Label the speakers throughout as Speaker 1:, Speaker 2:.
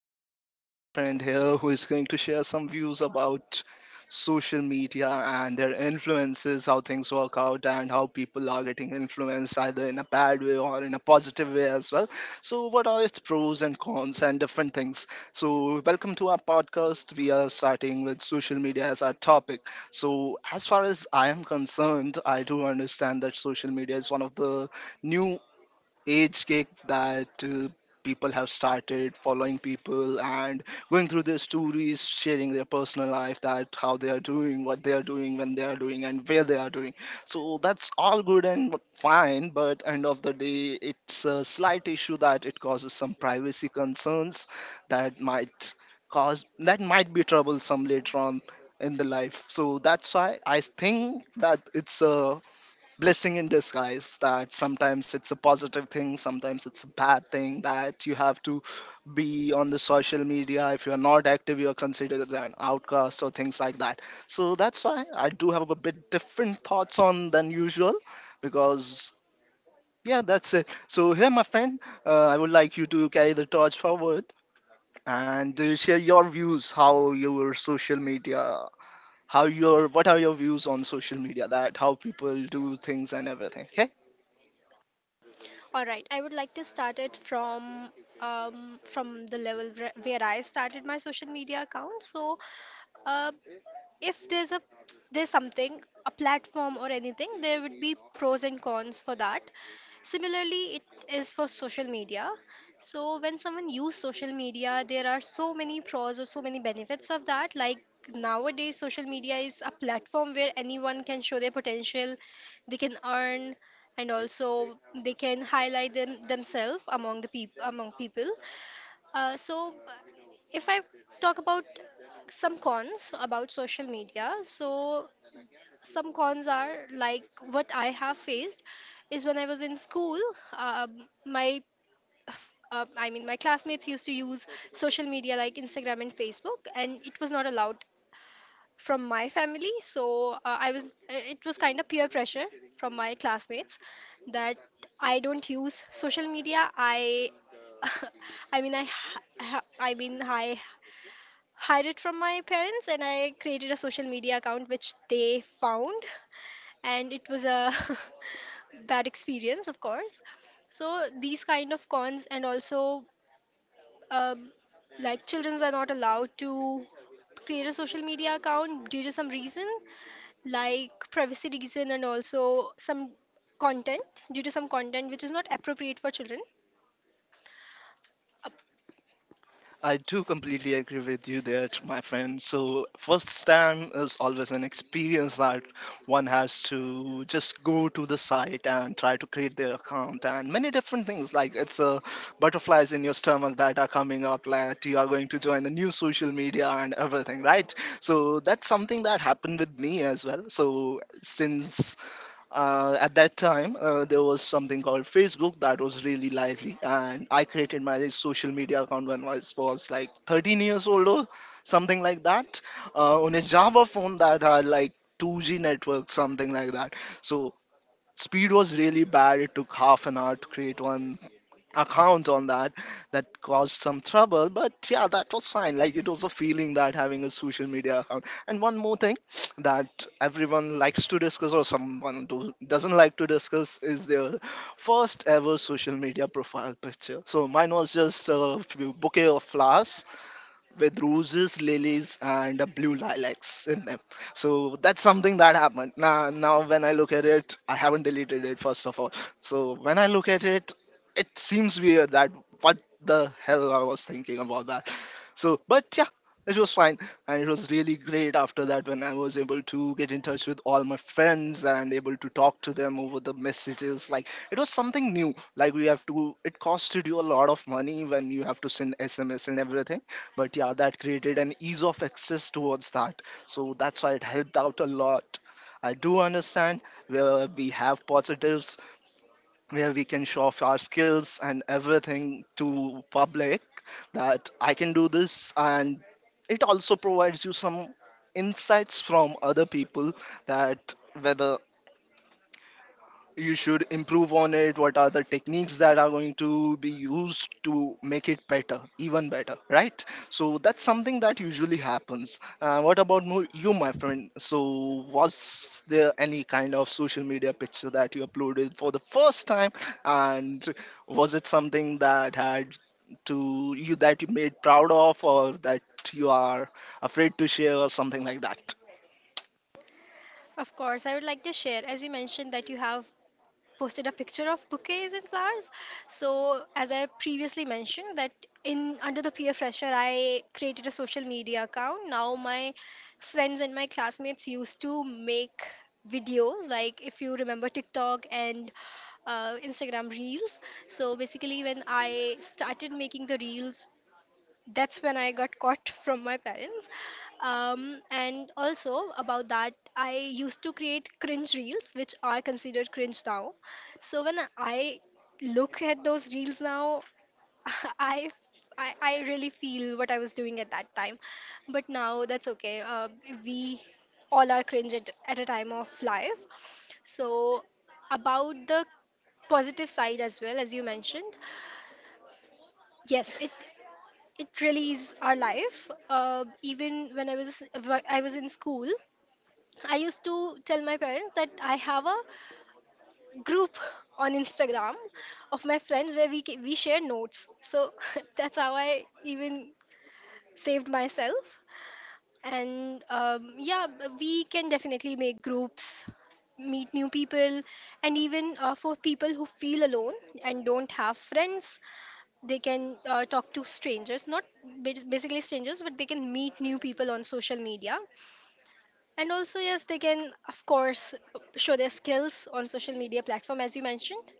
Speaker 1: So, I have my friend here who is going to share some views about social media and their influences, how things work out, and how people are getting influenced either in a bad way or in a positive way as well. So, what are its pros and cons and different things? So, welcome to our podcast. We are starting with social media as our topic. So, as far as I am concerned, I do understand that social media is one of the new age kick that people have started following people and going through their stories, sharing their personal life, that how they are doing, what they are doing, when they are doing, and where they are doing. So that's all good and fine, but end of the day, it's a slight issue that it causes some privacy concerns that might cause, that might be troublesome later on in the life. So that's why I think that it's a blessing in disguise, that sometimes it's a positive thing, sometimes it's a bad thing, that you have to be on the social media. If you're not active, you're considered an outcast or things like that. So that's why I do have a bit different thoughts on than usual, because yeah, that's it. So here, my friend, I would like you to carry the torch forward and share your views, how your social media, how your, what are your views on social media, that how people do things and everything, okay?
Speaker 2: All right, I would like to start it from the level where I started my social media account. So, uh, if there's a There's something, a platform or anything, there would be pros and cons for that. Similarly it is for social media. So when someone use social media there are so many pros or so many benefits of that, like nowadays social media is a platform where anyone can show their potential, they can earn, and also they can highlight themselves among the people among people So if I talk about some cons about social media, so some cons are like what I have faced is when I was in school, um, my I mean my classmates used to use social media like Instagram and Facebook, and it was not allowed from my family. So I was it was kind of peer pressure from my classmates, that I don't use social media. I I mean, I mean, I hide it from my parents and I created a social media account which they found, and it was a bad experience, of course. So these kind of cons, and also um, like children are not allowed to create a social media account due to some reason, like privacy reason, and also some content, due to some content which is not appropriate for children.
Speaker 1: I do completely agree with you there, my friend. So, first time is always an experience that one has to just go to the site and try to create their account, and many different things, like it's butterflies in your stomach that are coming up, like you are going to join a new social media and everything, right? So, that's something that happened with me as well. So, since at that time there was something called Facebook that was really lively, and I created my social media account when I was like 13 years old or something like that, on a java phone that had like 2G network, something like that. So speed was really bad, it took half an hour to create one account on that. That caused some trouble, but yeah, that was fine. Like, it was a feeling that having a social media account. And one more thing, that everyone likes to discuss, or doesn't like to discuss, is their first ever social media profile picture. So mine was just a few bouquet of flowers with roses, lilies, and blue lilacs in them. So that's something that happened. Now when I look at it, I haven't deleted it first of all. So when I look at it, it seems weird that what the hell I was thinking about that. So, but yeah, it was fine. And it was really great after that when I was able to get in touch with all my friends and able to talk to them over the messages. Like, it was something new. Like, it costed you a lot of money when you have to send SMS and everything. But yeah, that created an ease of access towards that. So, that's why it helped out a lot. I do understand where we have positives, where we can show off our skills and everything to public, that I can do this, and it also provides you some insights from other people, that whether you should improve on it, what are the techniques that are going to be used to make it better, even better, right? So that's something that usually happens. What about you, my friend? So was there any kind of social media picture that you uploaded for the first time, and was it something that had to you, that you made proud of, or that you are afraid to share, or something like that?
Speaker 2: Of course, I would like to share, as you mentioned, that you have posted a picture of bouquets and flowers. So, as I previously mentioned, that in under the peer pressure, I created a social media account. Now my friends and my classmates used to make videos, like if you remember TikTok and Instagram reels. So basically, when I started making the reels, that's when I got caught from my parents. And also about that, I used to create cringe reels, which are considered cringe now. So when I look at those reels now, I, I really feel what I was doing at that time. But now that's okay. We all are cringe at a time of life. So about the positive side as well, as you mentioned. Yes, it really is our life. Even when I was I was in school, I used to tell my parents that I have a group on Instagram of my friends where we share notes. So that's how I even saved myself. And yeah, we can definitely make groups, meet new people, and even for people who feel alone and don't have friends, they can talk to strangers, not basically strangers, but they can meet new people on social media. And also, yes, they can, of course, show their skills on social media platform, as you mentioned.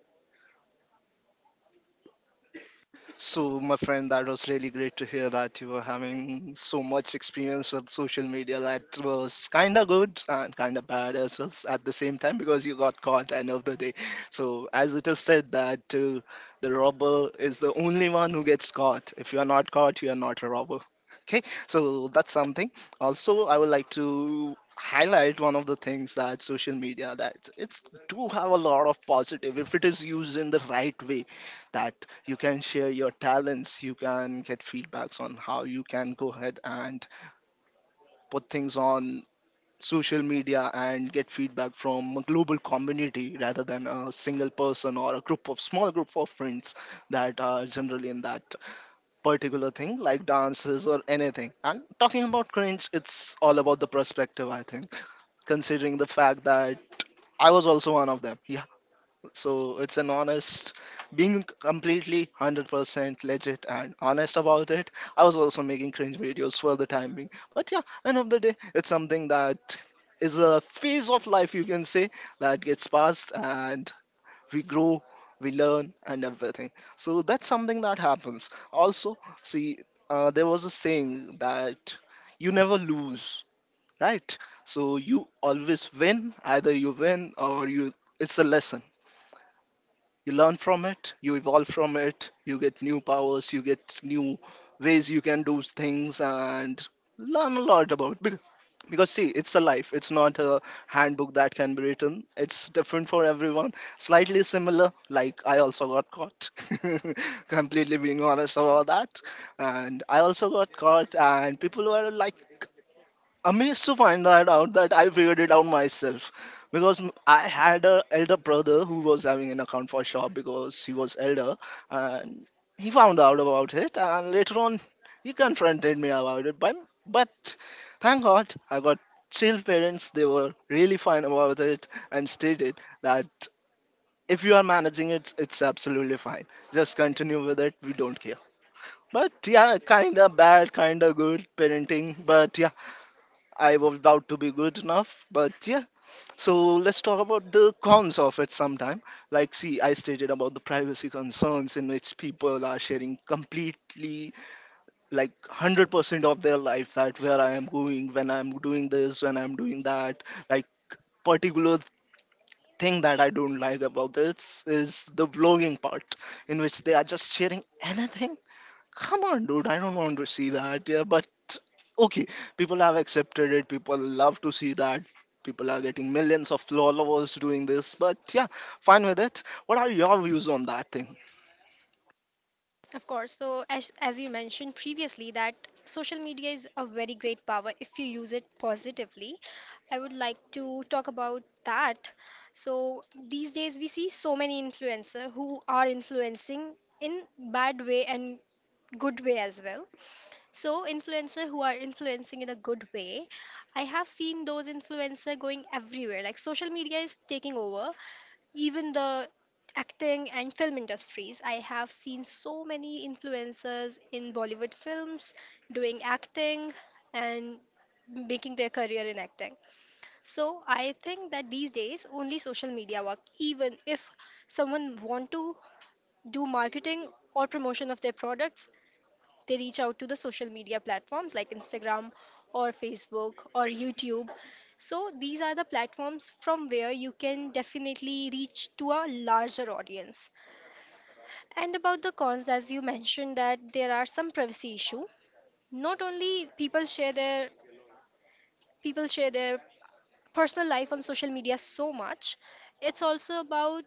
Speaker 1: So, my friend, that was really great to hear that you were having so much experience with social media. That was kind of good and kind of bad as well at the same time, because you got caught end of the day. So, as it is said that the robber is the only one who gets caught. If you are not caught, you are not a robber. Okay, so that's something. Also, I would like to highlight one of the things, that social media, that it's do have a lot of positive if it is used in the right way, that you can share your talents, you can get feedbacks on how you can go ahead and put things on social media and get feedback from a global community rather than a single person or a group of small group of friends that are generally in that particular thing like dances or anything. And talking about cringe, it's all about the perspective, I think, considering the fact that I was also one of them. Yeah. So it's an honest, being completely 100% legit and honest about it. I was also making cringe videos for the time being. But yeah, end of the day, it's something that is a phase of life, you can say, that gets passed, and we grow, we learn, and everything. So that's something that happens. Also, see, there was a saying that you never lose, right? So you always win, either you win or you. It's a lesson, you learn from it, you evolve from it, you get new powers, you get new ways you can do things and learn a lot about because, see, it's a life, it's not a handbook that can be written, it's different for everyone. Slightly similar, like I also got caught, completely being honest about that, and I also got caught, and people were like amazed to find that out, that I figured it out myself, because I had a elder brother who was having an account for shop, because he was elder, and he found out about it, and later on he confronted me about it, but thank God I got chill parents, they were really fine about it, and stated that if you are managing it, it's absolutely fine, just continue with it, we don't care. But yeah, kind of bad, kind of good parenting, but yeah, I was doubt to be good enough, but yeah. So let's talk about the cons of it sometime. Like, see, I stated about the privacy concerns in which people are sharing completely, like, 100% of their life, that where I am going, when I'm doing this, when I'm doing that. Like, particular thing that I don't like about this is the vlogging part, in which they are just sharing anything. Come on, dude, I don't want to see that. Yeah, but okay, people have accepted it. People love to see that. People are getting millions of followers doing this. But yeah, fine with it. What are your views on that thing?
Speaker 2: Of course. So, as you mentioned previously, that social media is a very great power if you use it positively. I would like to talk about that. So, these days we see so many influencers who are influencing in bad way and good way as well. So influencer who are influencing in a good way, I have seen those influencer going everywhere. Like social media is taking over even the acting and film industries. I have seen so many influencers in Bollywood films doing acting and making their career in acting. So I think that these days only social media work. Even if someone want to do marketing or promotion of their products, they reach out to the social media platforms like Instagram or Facebook or YouTube. So these are the platforms from where you can definitely reach to a larger audience. And about the cons, as you mentioned that there are some privacy issue. Not only people share their people share their personal life on social media so much, it's also about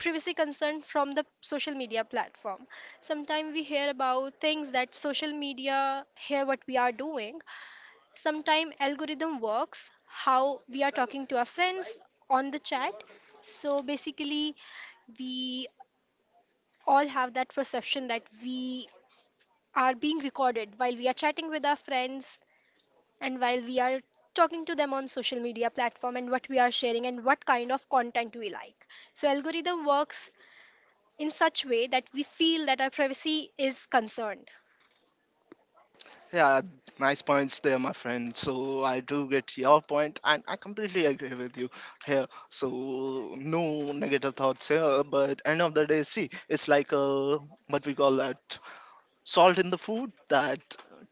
Speaker 2: privacy concern from the social media platform. Sometimes we hear about things that social media hear what we are doing. Sometimes algorithm works how we are talking to our friends on the chat. So basically, we all have that perception that we are being recorded while we are chatting with our friends and while we are talking to them on social media platform, and what we are sharing and what kind of content we like, so algorithm works in such way that we feel that our privacy is concerned.
Speaker 1: Yeah, nice points there, my friend. So I do get your point, and I completely agree with you here. So no negative thoughts here. But end of the day, see, it's like a what we call that salt in the food, that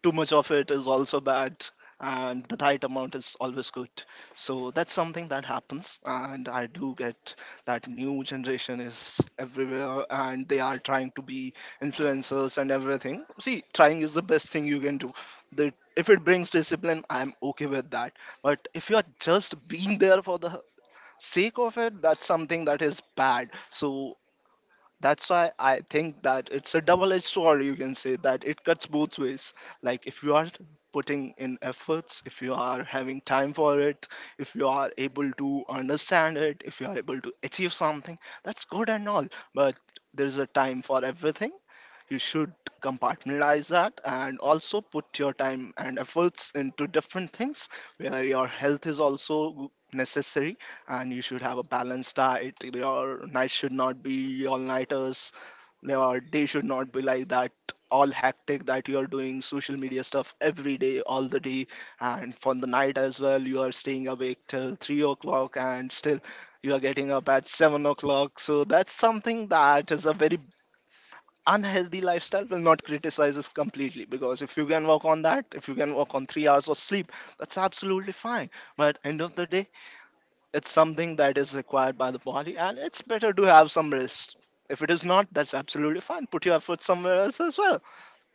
Speaker 1: too much of it is also bad and the right amount is always good. So that's something that happens. And I do get that new generation is everywhere and they are trying to be influencers and everything. See, trying is the best thing you can do. If it brings discipline, I'm okay with that. But if you are just being there for the sake of it, that's something that is bad. So that's why I think that it's a double-edged sword. You can say that it cuts both ways. Like if you are putting in efforts, if you are having time for it, if you are able to understand it, if you are able to achieve something, that's good and all. But there's a time for everything. You should compartmentalize that and also put your time and efforts into different things, where your health is also necessary and you should have a balanced diet. Your night should not be all nighters. Your day should not be like that all hectic, that you are doing social media stuff every day, all the day, and for the night as well. You are staying awake till 3 o'clock and still you are getting up at 7 o'clock. So that's something that is a very unhealthy lifestyle, will not criticize us completely, because if you can work on that, if you can work on 3 hours of sleep, that's absolutely fine. But end of the day, it's something that is required by the body, and it's better to have some rest. If it is not, that's absolutely fine. Put your effort somewhere else as well.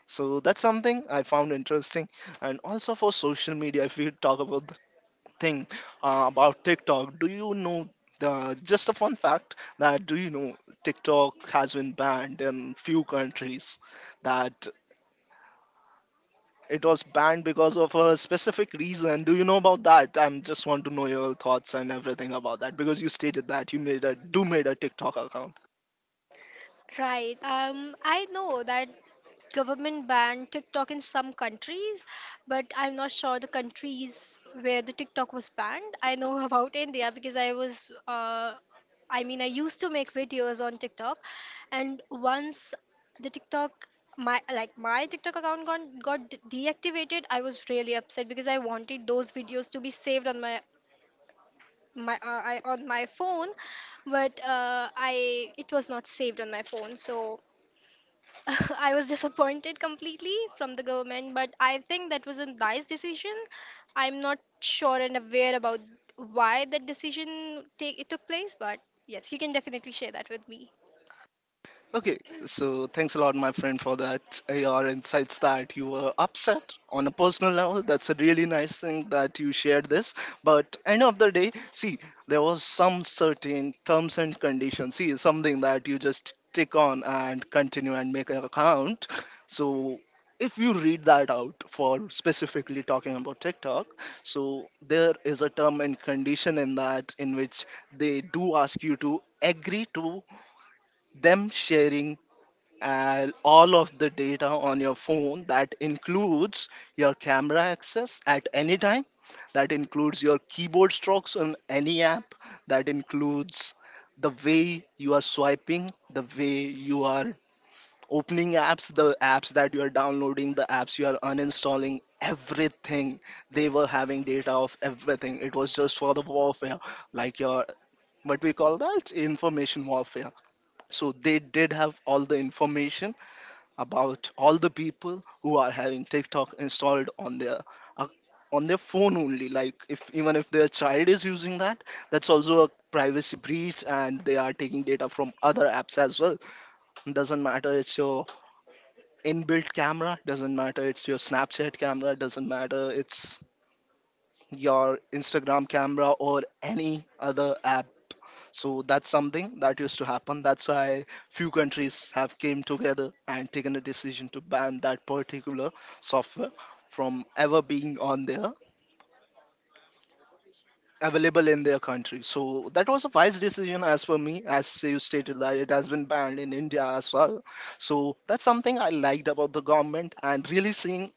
Speaker 1: So that's something I found interesting. And also for social media, if we talk about the thing about TikTok, do you know the just a fun fact that, do you know TikTok has been banned in few countries? That It was banned because of a specific reason. Do you know about that? I am just want to know your thoughts and everything about that because you stated that you made a do made a TikTok account.
Speaker 2: Right. I know that government banned TikTok in some countries, but I'm not sure the countries where the TikTok was banned. I know about India because I was, I mean, I used to make videos on TikTok, and once the TikTok my like my TikTok account got deactivated, I was really upset because I wanted those videos to be saved on my on my phone, but I it was not saved on my phone, so I was disappointed completely from the government, but I think that was a nice decision. I'm not sure and aware about why that decision take it took place, but yes, you can definitely share that with me.
Speaker 1: Okay, so thanks a lot, my friend, for that. Your insights that you were upset on a personal level. That's a really nice thing that you shared this. But end of the day, see, there was some certain terms and conditions. See, something that you just tick on and continue and make an account. So if you read that out for specifically talking about TikTok, so there is a term and condition in that in which they do ask you to agree to them sharing and all of the data on your phone that includes your camera access at any time, that includes your keyboard strokes on any app, that includes the way you are swiping, the way you are opening apps, the apps that you are downloading, the apps you are uninstalling, everything. They were having data of everything. It was just for the warfare, like your, what we call that, information warfare. So they did have all the information about all the people who are having TikTok installed on their ac- on their phone only. Like if even if their child is using that, that's also a privacy breach, and they are taking data from other apps as well. Doesn't matter it's your inbuilt camera, doesn't matter it's your Snapchat camera, doesn't matter it's your Instagram camera or any other app. So that's something that used to happen. That's why few countries have came together and taken a decision to ban that particular software from ever being on there, available in their country. So that was a wise decision as for me, as you stated that it has been banned in India as well. So that's something I liked about the government and really seeing.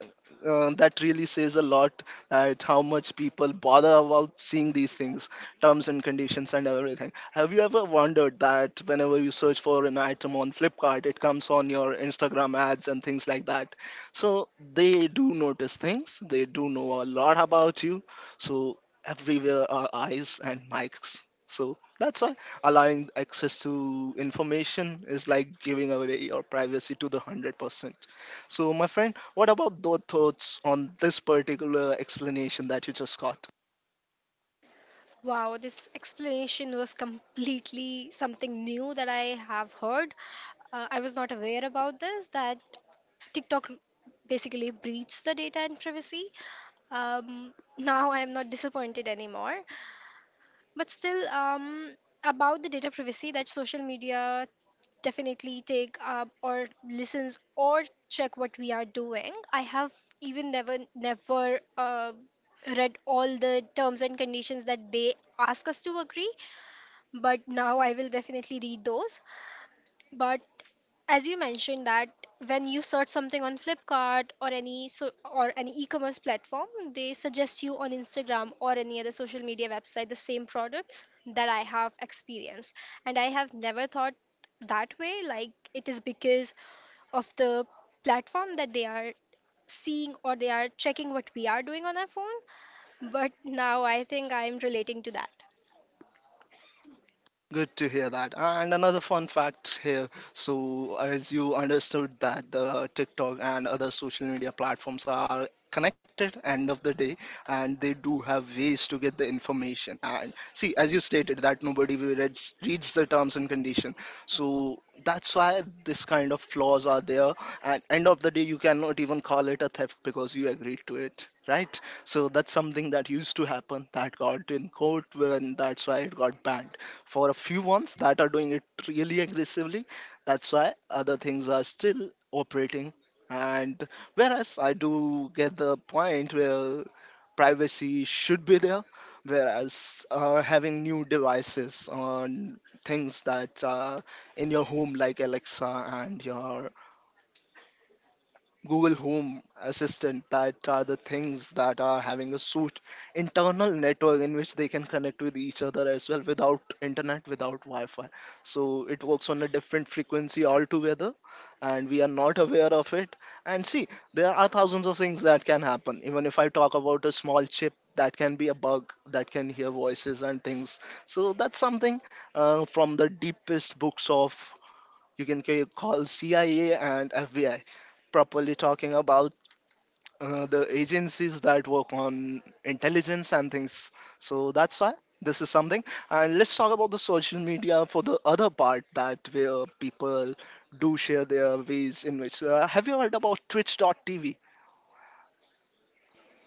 Speaker 1: That really says a lot, that how much people bother about seeing these things, terms and conditions and everything. Have you ever wondered that whenever you search for an item on Flipkart, it comes on your Instagram ads and things like that? So they do notice things, they do know a lot about you. So everywhere are eyes and mics. So that's why allowing access to information is like giving away your privacy to the 100%. So, my friend, what about those thoughts on this particular explanation that you just got?
Speaker 2: Wow, this explanation was completely something new that I have heard. I was not aware about this, that TikTok basically breached the data and privacy. Now I am not disappointed anymore, but still, about the data privacy, that social media definitely take up or listens or check what we are doing, I have even never read all the terms and conditions that they ask us to agree, but now I will definitely read those. But as you mentioned, that when you search something on Flipkart or any so or any e-commerce platform, they suggest you on Instagram or any other social media website the same products, that I have experienced. And I have never thought that way, like it is because of the platform that they are seeing or they are checking what we are doing on our phone. But now I think I am relating to that.
Speaker 1: Good to hear that. And another fun fact here. So, as you understood that the TikTok and other social media platforms are connected end of the day, and they do have ways to get the information, and see, as you stated that nobody reads the terms and condition. So that's why this kind of flaws are there, and end of the day you cannot even call it a theft because you agreed to it, right? So that's something that used to happen, that got in court, when that's why it got banned for a few ones that are doing it really aggressively. That's why other things are still operating. And whereas I do get the point where privacy should be there, whereas having new devices on things that are in your home, like Alexa and your Google Home Assistant, that are the things that are having a suit internal network in which they can connect with each other as well without internet, without Wi-Fi. So it works on a different frequency altogether, and we are not aware of it. And see, there are thousands of things that can happen. Even if I talk about a small chip that can be a bug that can hear voices and things. So that's something, from the deepest books of, you can call CIA and FBI, properly talking about the agencies that work on intelligence and things. So that's why this is something. And let's talk about the social media for the other part, that where people do share their ways in which. Have you heard about Twitch.tv?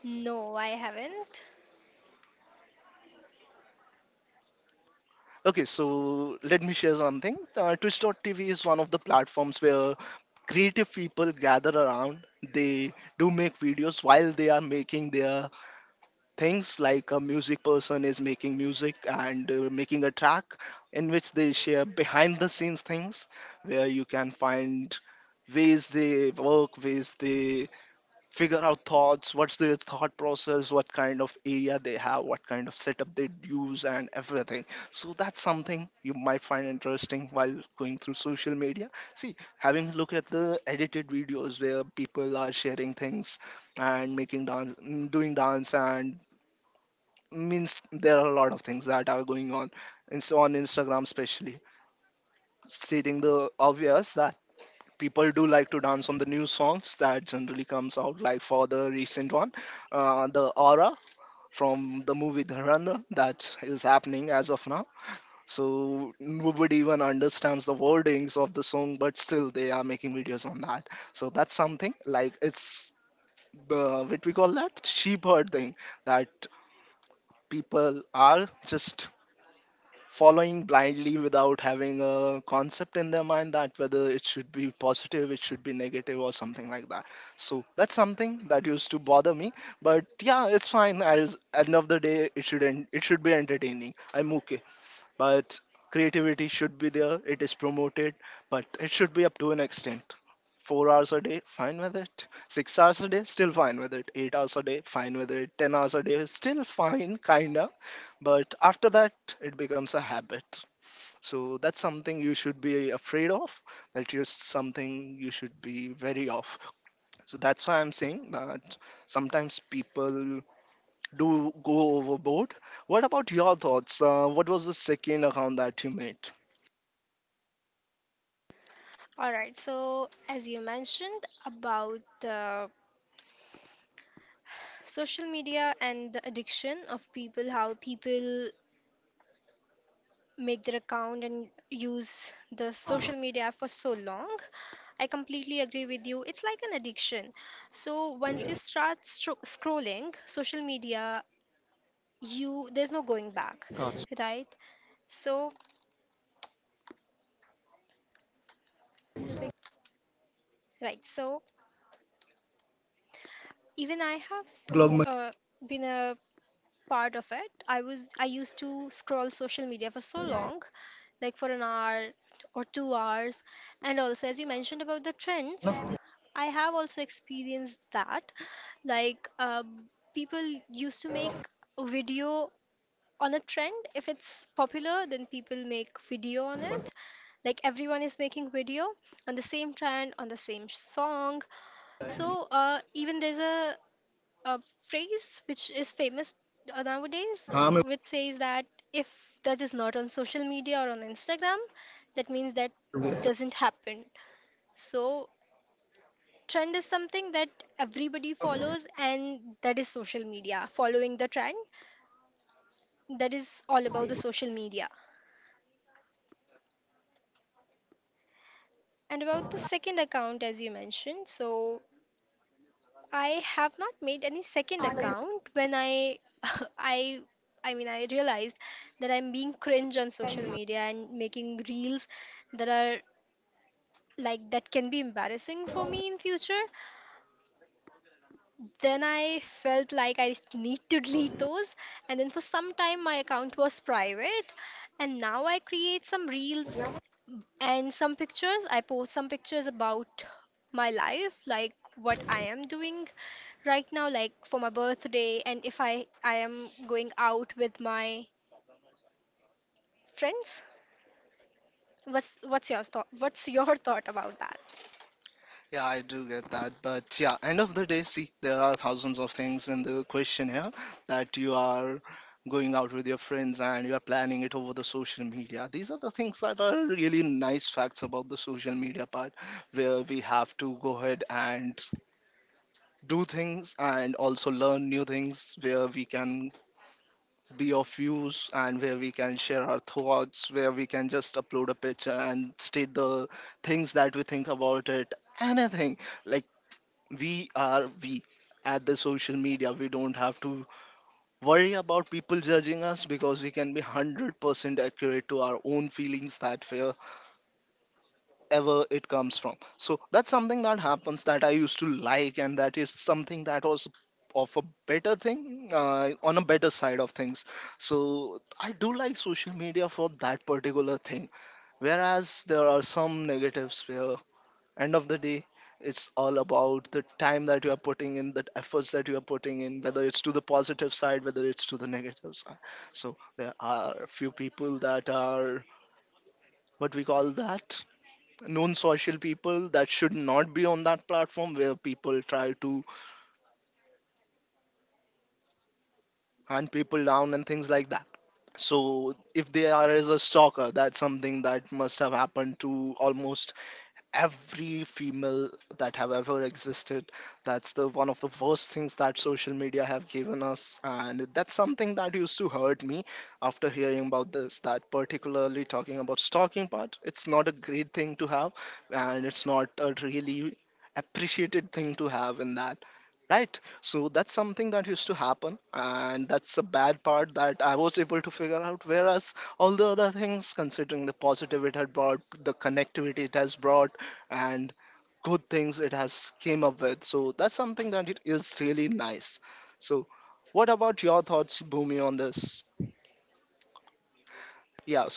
Speaker 2: No, I haven't.
Speaker 1: Okay, so let me share something. Twitch.tv is one of the platforms where creative people gather around. They do make videos while they are making their things, like a music person is making music and making a track in which they share behind the scenes things, where you can find ways they work, ways they figure out thoughts, what's their thought process, what kind of area they have, what kind of setup they use and everything. So that's something you might find interesting while going through social media. See, having a look at the edited videos where people are sharing things and doing dance and, means there are a lot of things that are going on and so on Instagram especially, stating the obvious that people do like to dance on the new songs that generally comes out, like for the recent one, the Aura from the movie Dharanda that is happening as of now. So nobody even understands the wordings of the song, but still they are making videos on that. So that's something like it's the, what we call that, sheep herding, that people are just following blindly without having a concept in their mind, that whether it should be positive, it should be negative, or something like that. So that's something that used to bother me. But yeah, it's fine. As end of the day, it should it should be entertaining. I'm okay, but creativity should be there, it is promoted, but it should be up to an extent. 4 hours a day, fine with it. 6 hours a day, still fine with it. 8 hours a day, fine with it. 10 hours a day, still fine, kinda. But after that it becomes a habit. So that's something you should be afraid of, that is something you should be wary of. So that's why I'm saying that sometimes people do go overboard. What about your thoughts? What was the second account that you made?
Speaker 2: All right, so as you mentioned about the social media and the addiction of people, how people make their account and use the social media for so long, I completely agree with you, it's like an addiction. So once you start scrolling social media, you there's no going back, right? So right so Even I have uh, been a part of it. I used to scroll social media for so long, like for an hour or 2 hours. And also as you mentioned about the trends, I have also experienced that. Like people used to make a video on a trend. If it's popular, then people make video on it. Like everyone is making video on the same trend, on the same song. So even there's a phrase which is famous nowadays, which says that if that is not on social media or on Instagram, that means that doesn't happen. So, trend is something that everybody follows, and that is social media. Following the trend, that is all about the social media. And about the second account, as you mentioned, so I have not made any second account. When I I I mean I realized that I'm being cringe on social media and making reels that are like that can be embarrassing for me in future. Then I felt like I just need to delete those. And then for some time my account was private, and now I create some reels and some pictures. I post some pictures about my life, like what I am doing right now, like for my birthday, and if I am going out with my friends. What's your thought, what's your thought about that?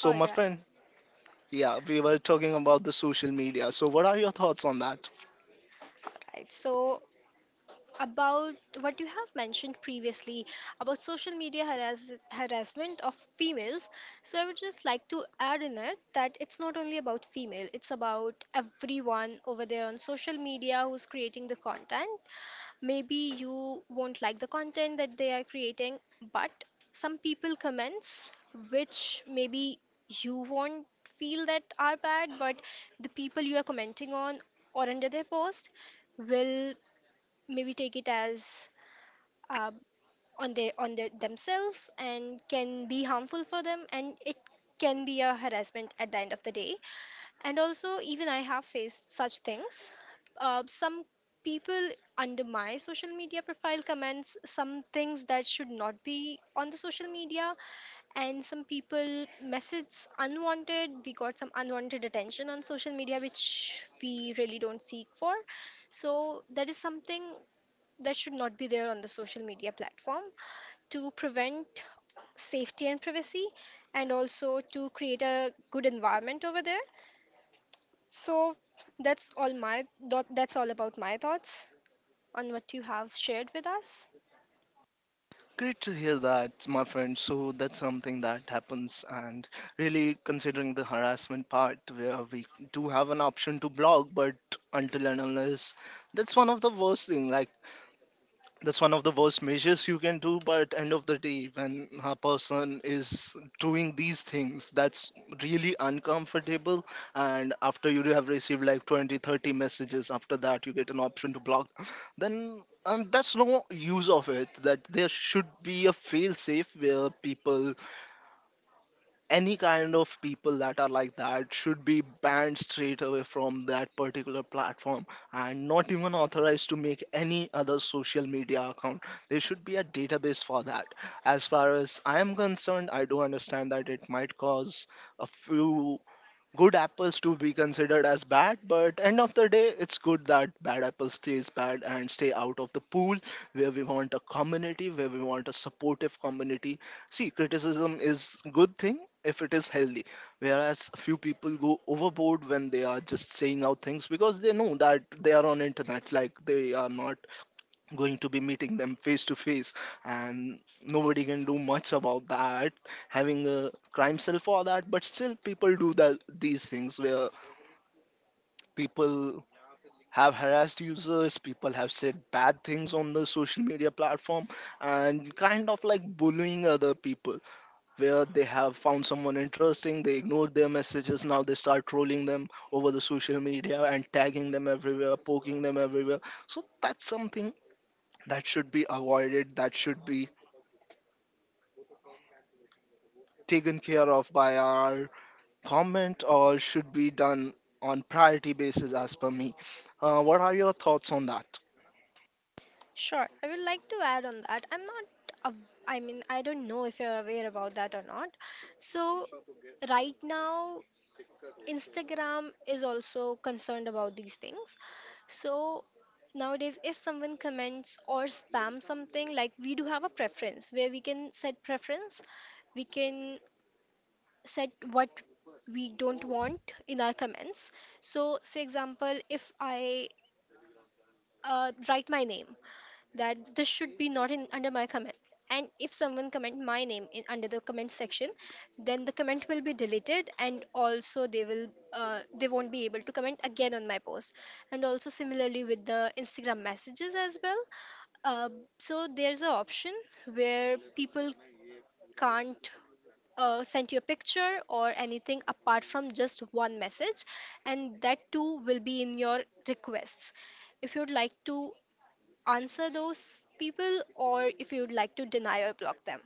Speaker 2: All right. Right. So about what you have mentioned previously, about social media harassment of females, so I would just like to add in it that it's not only about female, it's about everyone over there on social media who's creating the content. Maybe you won't like the content that they are creating, but some people comments which maybe you won't feel that are bad, but the people you are commenting on or under their post will maybe take it as uh, on their themselves, and can be harmful for them, and it can be a harassment at the end of the day. And also even I have faced such things. Some people under my social media profile comments some things that should not be on the social media. And some people message unwanted we got some unwanted attention on social media which we really don't seek for. So that is something that should not be there on the social media platform, to prevent safety and privacy, and also to create a good environment over there. So that's all my thought that's all about my thoughts on what you have shared with us. Sure, I would like to add on that. I'm not, av- I mean, I don't know if you're aware about that or not. So, right now, Instagram is also concerned about these things. So nowadays, if someone comments or spam something, like we do have a preference where we can set preference, we can set what we don't want in our comments. So, say example, if I write my name that this should be not in under my comment, and if someone comment my name in under the comment section, then the comment will be deleted, and also they will they won't be able to comment again on my post. And also similarly with the Instagram messages as well. uh, so there's an option where people can't send you a picture or anything apart from just one message, and that too will be in your requests, if you'd like to answer those people or if you'd like to deny or block them.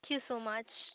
Speaker 2: Thank you so much.